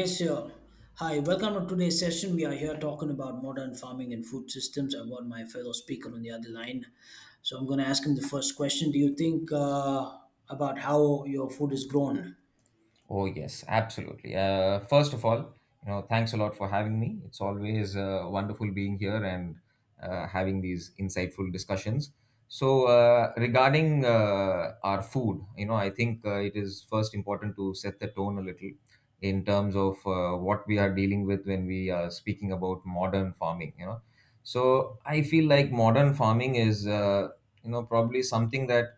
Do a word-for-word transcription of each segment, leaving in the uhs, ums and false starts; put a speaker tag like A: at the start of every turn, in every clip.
A: Yes, sir. Hi, welcome to today's session. We are here talking about modern farming and food systems. I've got my fellow speaker on the other line. So I'm going to ask him the first question. Do you think uh, about how your food is grown?
B: Oh, yes, absolutely. Uh, first of all, you know, thanks a lot for having me. It's always uh, wonderful being here and uh, having these insightful discussions. So, uh, regarding uh, our food, you know, I think uh, it is first important to set the tone a little in terms of uh, what we are dealing with when we are speaking about modern farming, you know. So, I feel like modern farming is, uh, you know, probably something that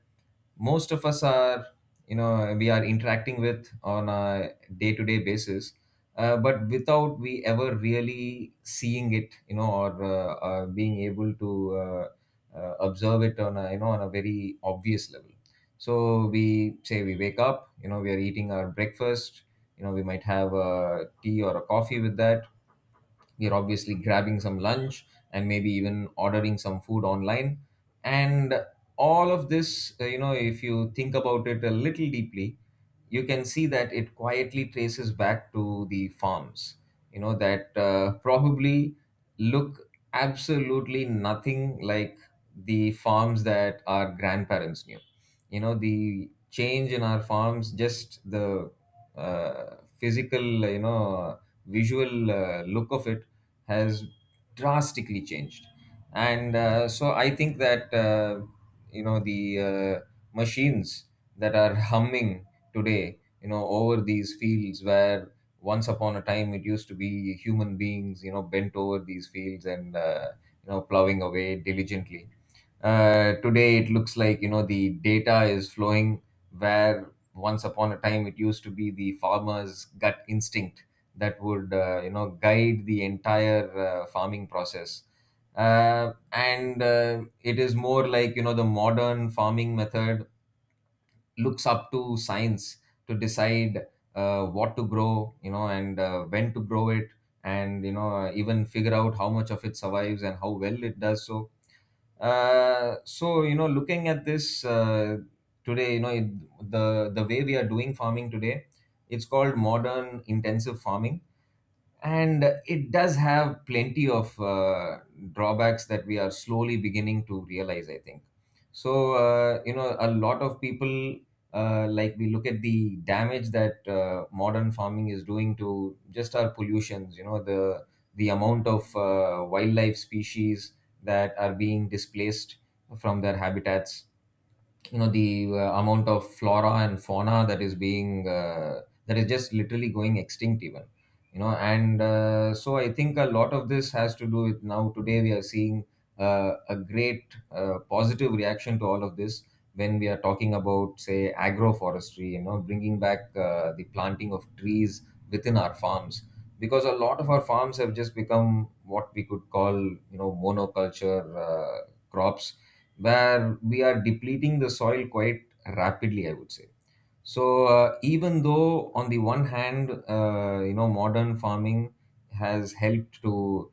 B: most of us are you know we are interacting with on a day-to-day basis, uh, but without we ever really seeing it you know or uh, uh, being able to uh, uh, observe it on a you know on a very obvious level. So we say we wake up, you know we are eating our breakfast, you know we might have a tea or a coffee with that, we're obviously grabbing some lunch, and maybe even ordering some food online. And all of this, uh, you know, if you think about it a little deeply, you can see that it quietly traces back to the farms, you know, that uh, probably look absolutely nothing like the farms that our grandparents knew. You know, the change in our farms, just the uh, physical, you know, visual uh, look of it has drastically changed. And uh, so i think that uh, you know the uh, machines that are humming today, you know over these fields where once upon a time it used to be human beings, you know bent over these fields and uh, you know plowing away diligently. Uh, today it looks like, you know the data is flowing where once upon a time it used to be the farmer's gut instinct that would uh, you know guide the entire uh, farming process. Uh, and uh, It is more like, you know the modern farming method looks up to science to decide uh, what to grow, you know and uh, when to grow it, and you know uh, even figure out how much of it survives and how well it does so. Uh, so you know looking at this, uh, today you know it, the the way we are doing farming today, it's called modern intensive farming, and it does have plenty of uh, drawbacks that we are slowly beginning to realize, I think. So uh, you know a lot of people, uh, like we look at the damage that uh, modern farming is doing to just our pollutions, you know the the amount of uh, wildlife species that are being displaced from their habitats, you know the uh, amount of flora and fauna that is being uh, that is just literally going extinct even, you know and uh, so I think a lot of this has to do with, now today we are seeing uh, a great uh, positive reaction to all of this when we are talking about, say, agroforestry, you know bringing back uh, the planting of trees within our farms, because a lot of our farms have just become what we could call, you know monoculture uh, crops, where we are depleting the soil quite rapidly, I would say. So uh, even though on the one hand, uh, you know, modern farming has helped to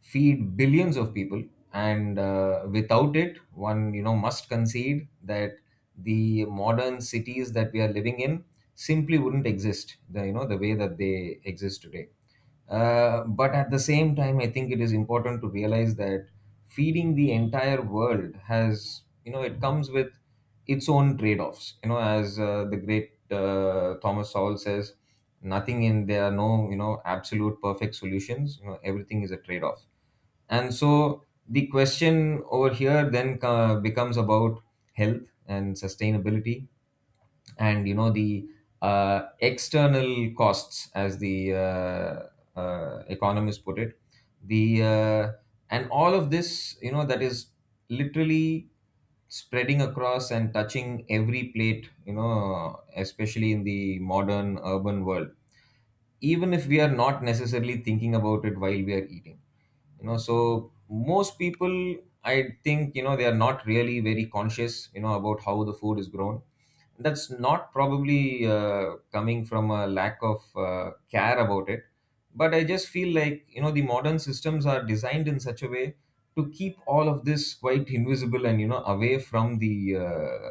B: feed billions of people, and uh, without it one you know must concede that the modern cities that we are living in simply wouldn't exist the you know the way that they exist today. Uh, but at the same time I think it is important to realize that feeding the entire world has, you know it comes with its own trade-offs, you know as uh, the great uh, Thomas Sowell says, nothing in there are no, you know absolute perfect solutions, you know everything is a trade-off. And so the question over here then uh, becomes about health and sustainability, and you know the uh, external costs, as the uh, uh, economists put it, the uh, and all of this, you know that is literally spreading across and touching every plate, you know especially in the modern urban world, even if we are not necessarily thinking about it while we are eating. You know so most people, I think, you know they are not really very conscious, you know about how the food is grown. That's not probably uh, coming from a lack of uh, care about it, but I just feel like, you know the modern systems are designed in such a way to keep all of this quite invisible and you know away from the uh,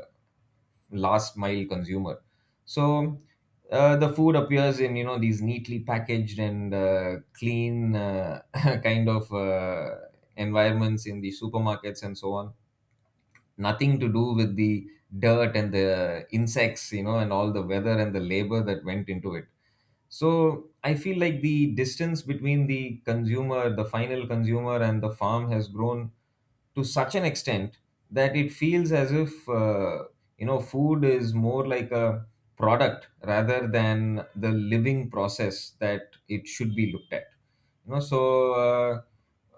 B: last mile consumer. So uh, the food appears in, you know these neatly packaged and uh, clean uh, kind of uh, environments in the supermarkets and so on. Nothing to do with the dirt and the insects, you know, and all the weather and the labor that went into it. So I feel like the distance between the consumer, the final consumer, and the farm has grown to such an extent that it feels as if uh, you know food is more like a product rather than the living process that it should be looked at. You know, so uh,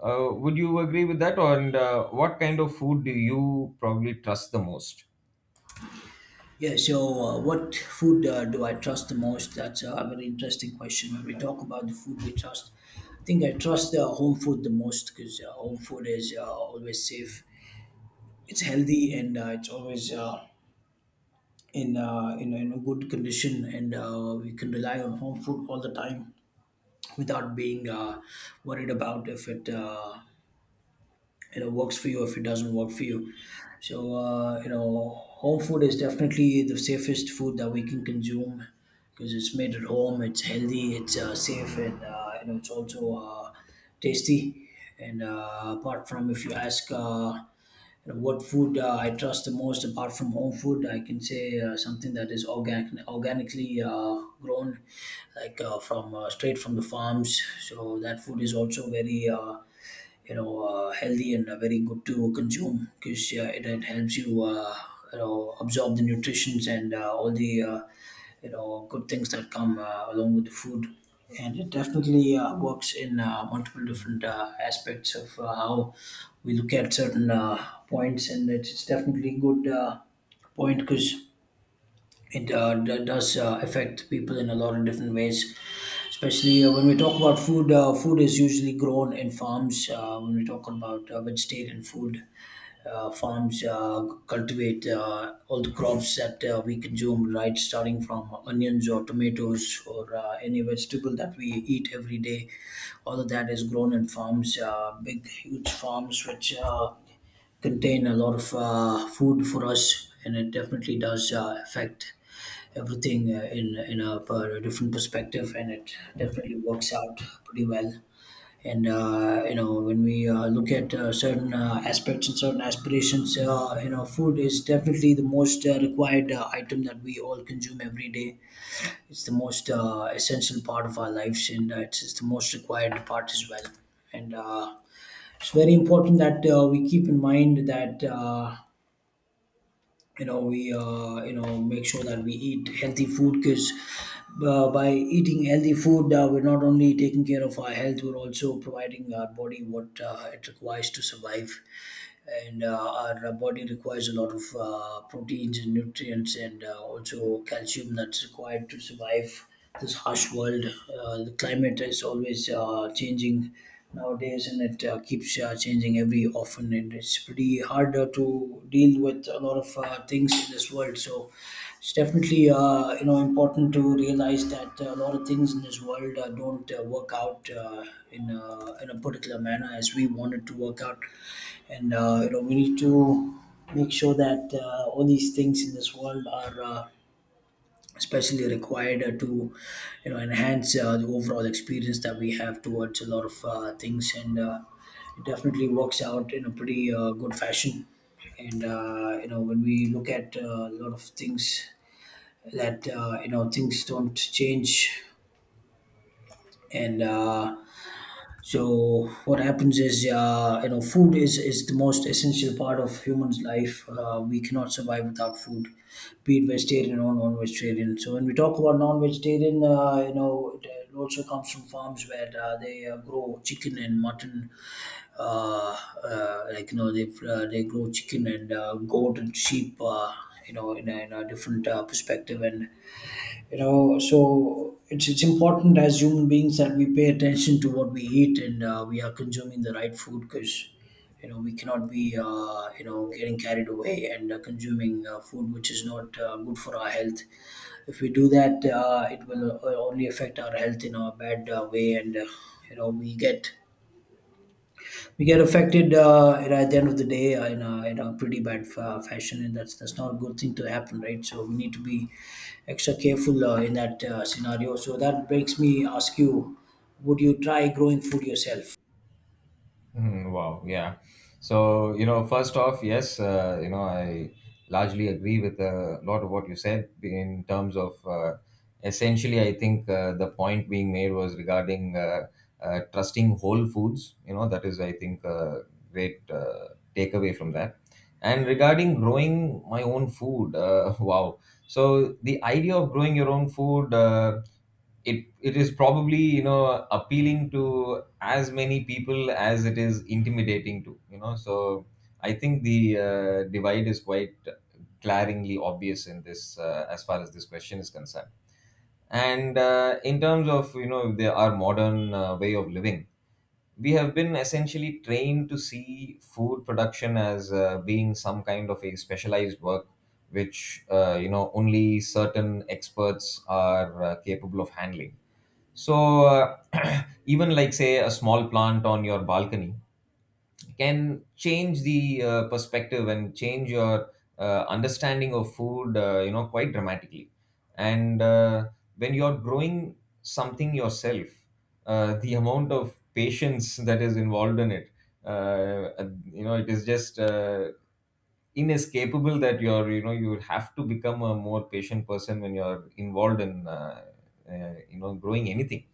B: uh, would you agree with that? Or And uh, what kind of food do you probably trust the most?
A: Yeah, so uh, what food uh, do I trust the most? That's a very interesting question. When we talk about the food we trust, I think I trust uh, home food the most because uh, home food is uh, always safe. It's healthy and uh, it's always uh, in uh, in, in a good condition, and uh, we can rely on home food all the time without being uh, worried about if it uh, you know works for you, if it doesn't work for you. So uh, you know, home food is definitely the safest food that we can consume because it's made at home, it's healthy, it's uh, safe, and uh, you know, it's also uh, tasty. And uh, apart from, if you ask uh, you know, what food uh, I trust the most apart from home food, I can say uh, something that is organic, organically uh, grown, like uh, from uh, straight from the farms. So that food is also very uh, you know uh, healthy and uh, very good to consume because, yeah, it, it helps you uh, you know absorb the nutritions and uh, all the uh, you know good things that come uh, along with the food. And it definitely uh, works in uh, multiple different uh, aspects of uh, how we look at certain uh, points, and it's it's definitely good uh, point because it uh, d- does uh, affect people in a lot of different ways, especially uh, when we talk about food uh, food is usually grown in farms. Uh, when we talk about uh, vegetarian food, uh, farms uh, cultivate uh, all the crops that uh, we consume, right, starting from onions or tomatoes or uh, any vegetable that we eat every day. All of that is grown in farms, uh, big huge farms, which uh, contain a lot of uh, food for us, and it definitely does uh, affect everything uh, in in a, per- different perspective, and it definitely works out pretty well. And uh, you know, when we uh, look at uh, certain uh, aspects and certain aspirations, uh, you know, food is definitely the most uh, required uh, item that we all consume every day. It's the most uh, essential part of our lives, and uh, it's, it's the most required part as well. And uh, it's very important that uh, we keep in mind that. Uh, you know, we uh, you know make sure that we eat healthy food, because uh, by eating healthy food, uh, we're not only taking care of our health, we're also providing our body what uh, it requires to survive. And uh, our body requires a lot of uh, proteins and nutrients and uh, also calcium, that's required to survive this harsh world. Uh, the climate is always uh, changing nowadays, and it uh, keeps uh, changing every often, and it's pretty harder to deal with a lot of uh, things in this world. So it's definitely uh, you know important to realize that uh, a lot of things in this world uh, don't uh, work out uh, in uh, in a particular manner as we want it to work out. And uh, you know, we need to make sure that uh, all these things in this world are. Uh, especially required uh, to you know enhance uh, the overall experience that we have towards a lot of uh, things. And uh, it definitely works out in a pretty uh, good fashion. And uh, you know, when we look at uh, a lot of things, that uh, you know, things don't change. And uh, so what happens is, uh, you know, food is is the most essential part of human's life. Uh, we cannot survive without food, be it vegetarian or non-vegetarian. So when we talk about non-vegetarian, uh, you know, it it also comes from farms where uh, they uh, grow chicken and mutton, uh, uh, like you know, they uh, they grow chicken and uh, goat and sheep, uh, you know, in a, in a different uh, perspective. And you know, so it's it's important, as human beings, that we pay attention to what we eat, and uh, we are consuming the right food. Because you know, we cannot be uh, you know getting carried away and uh, consuming uh, food which is not uh, good for our health. If we do that, uh, it will uh, only affect our health in a bad uh, way. And uh, you know, we get we get affected, uh, you know, at the end of the day, uh, in a, in a pretty bad fa- fashion. And that's that's not a good thing to happen, right? So we need to be extra careful uh, in that uh, scenario. So that makes me ask you, would you try growing food yourself?
B: Mhm. Wow, yeah. So, you know, first off, yes, uh, you know, I largely agree with a lot of what you said in terms of uh, essentially, I think uh, the point being made was regarding uh, uh, trusting whole foods. You know, that is, I think, a great uh, takeaway from that. And regarding growing my own food, uh, wow. So, the idea of growing your own food. Uh, it it is probably, you know, appealing to as many people as it is intimidating to, you know. So I think the uh, divide is quite glaringly obvious in this, uh, as far as this question is concerned. And uh, in terms of, you know, the, our modern uh, way of living, we have been essentially trained to see food production as uh, being some kind of a specialized work, which uh, you know, only certain experts are uh, capable of handling. So uh, even like, say, a small plant on your balcony can change the uh, perspective and change your uh, understanding of food, uh, you know, quite dramatically. And uh, when you're growing something yourself, uh, the amount of patience that is involved in it, uh, you know, it is just uh, inescapable that you're you know you have to become a more patient person when you're involved in uh, uh, you know, growing anything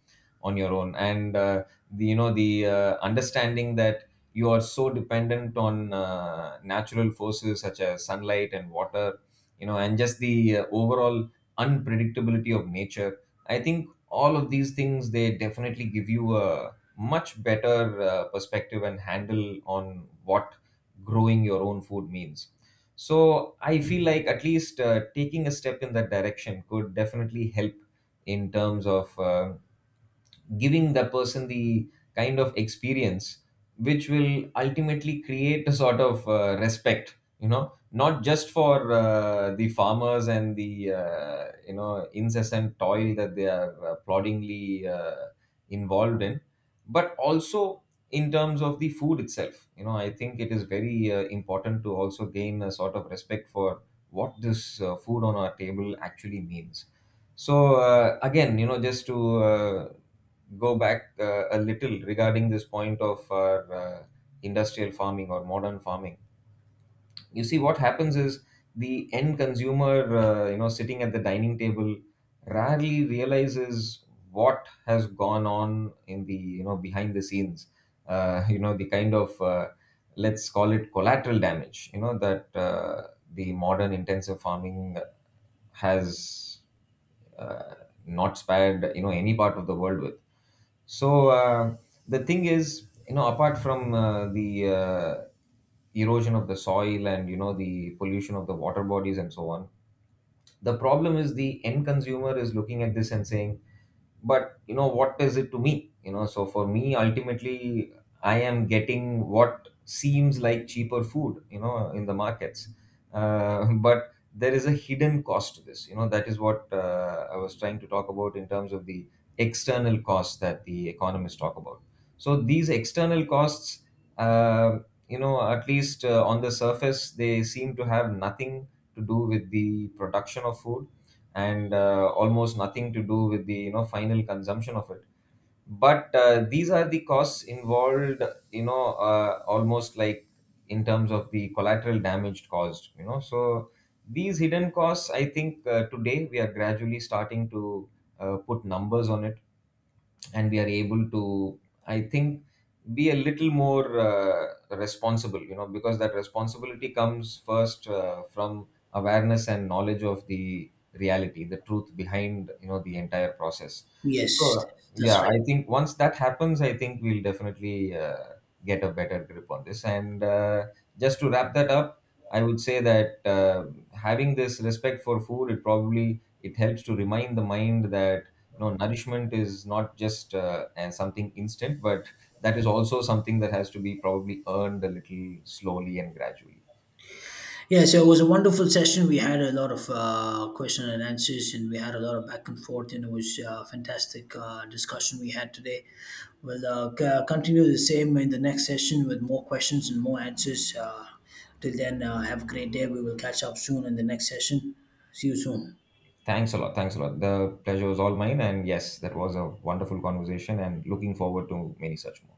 B: on your own. And uh, the, you know, the uh, understanding that you are so dependent on uh, natural forces such as sunlight and water, you know, and just the uh, overall unpredictability of nature, I think all of these things they definitely give you a much better uh, perspective and handle on what growing your own food means. So I feel like at least uh, taking a step in that direction could definitely help in terms of uh, giving the person the kind of experience which will ultimately create a sort of uh, respect, you know, not just for uh, the farmers and the uh, you know, incessant toil that they are uh, ploddingly uh, involved in, but also in terms of the food itself. You know, I think it is very uh, important to also gain a sort of respect for what this uh, food on our table actually means. So uh, again, you know, just to uh, go back uh, a little, regarding this point of our uh, industrial farming or modern farming, you see what happens is the end consumer, uh, you know, sitting at the dining table, rarely realizes what has gone on in the, you know, behind the scenes. Uh, you know, the kind of uh, let's call it collateral damage. You know that uh, the modern intensive farming has uh, not spared, you know, any part of the world with. So uh, the thing is, you know, apart from uh, the uh, erosion of the soil and, you know, the pollution of the water bodies and so on, the problem is the end consumer is looking at this and saying, but you know, what is it to me? You know, so for me ultimately I am getting what seems like cheaper food, you know, in the markets. Uh, but there is a hidden cost to this, you know, that is what uh, I was trying to talk about in terms of the external costs that the economists talk about. So these external costs, uh, you know at least uh, on the surface they seem to have nothing to do with the production of food, and uh, almost nothing to do with the, you know, final consumption of it. But uh, these are the costs involved, you know, uh, almost like in terms of the collateral damage caused. You know, so these hidden costs, I think uh, today we are gradually starting to uh, put numbers on it, and we are able to, I think, be a little more uh, responsible, you know, because that responsibility comes first uh, from awareness and knowledge of the reality, the truth behind, you know, the entire process. So
A: Yes, that's
B: yeah,
A: right.
B: I think once that happens I think we'll definitely uh, get a better grip on this. And uh, just to wrap that up, I would say that uh, having this respect for food, it probably, it helps to remind the mind that no, nourishment is not just uh, and something instant, but that is also something that has to be probably earned a little slowly and gradually.
A: Yeah, so it was a wonderful session. We had a lot of uh, question and answers, and we had a lot of back and forth, and it was uh, fantastic uh, discussion we had today. We'll uh, c- continue the same in the next session with more questions and more answers. Uh, till then, uh, have a great day. We will catch up soon in the next session. See you soon.
B: Thanks a lot, thanks a lot, the pleasure was all mine, and yes, that was a wonderful conversation and looking forward to many such more.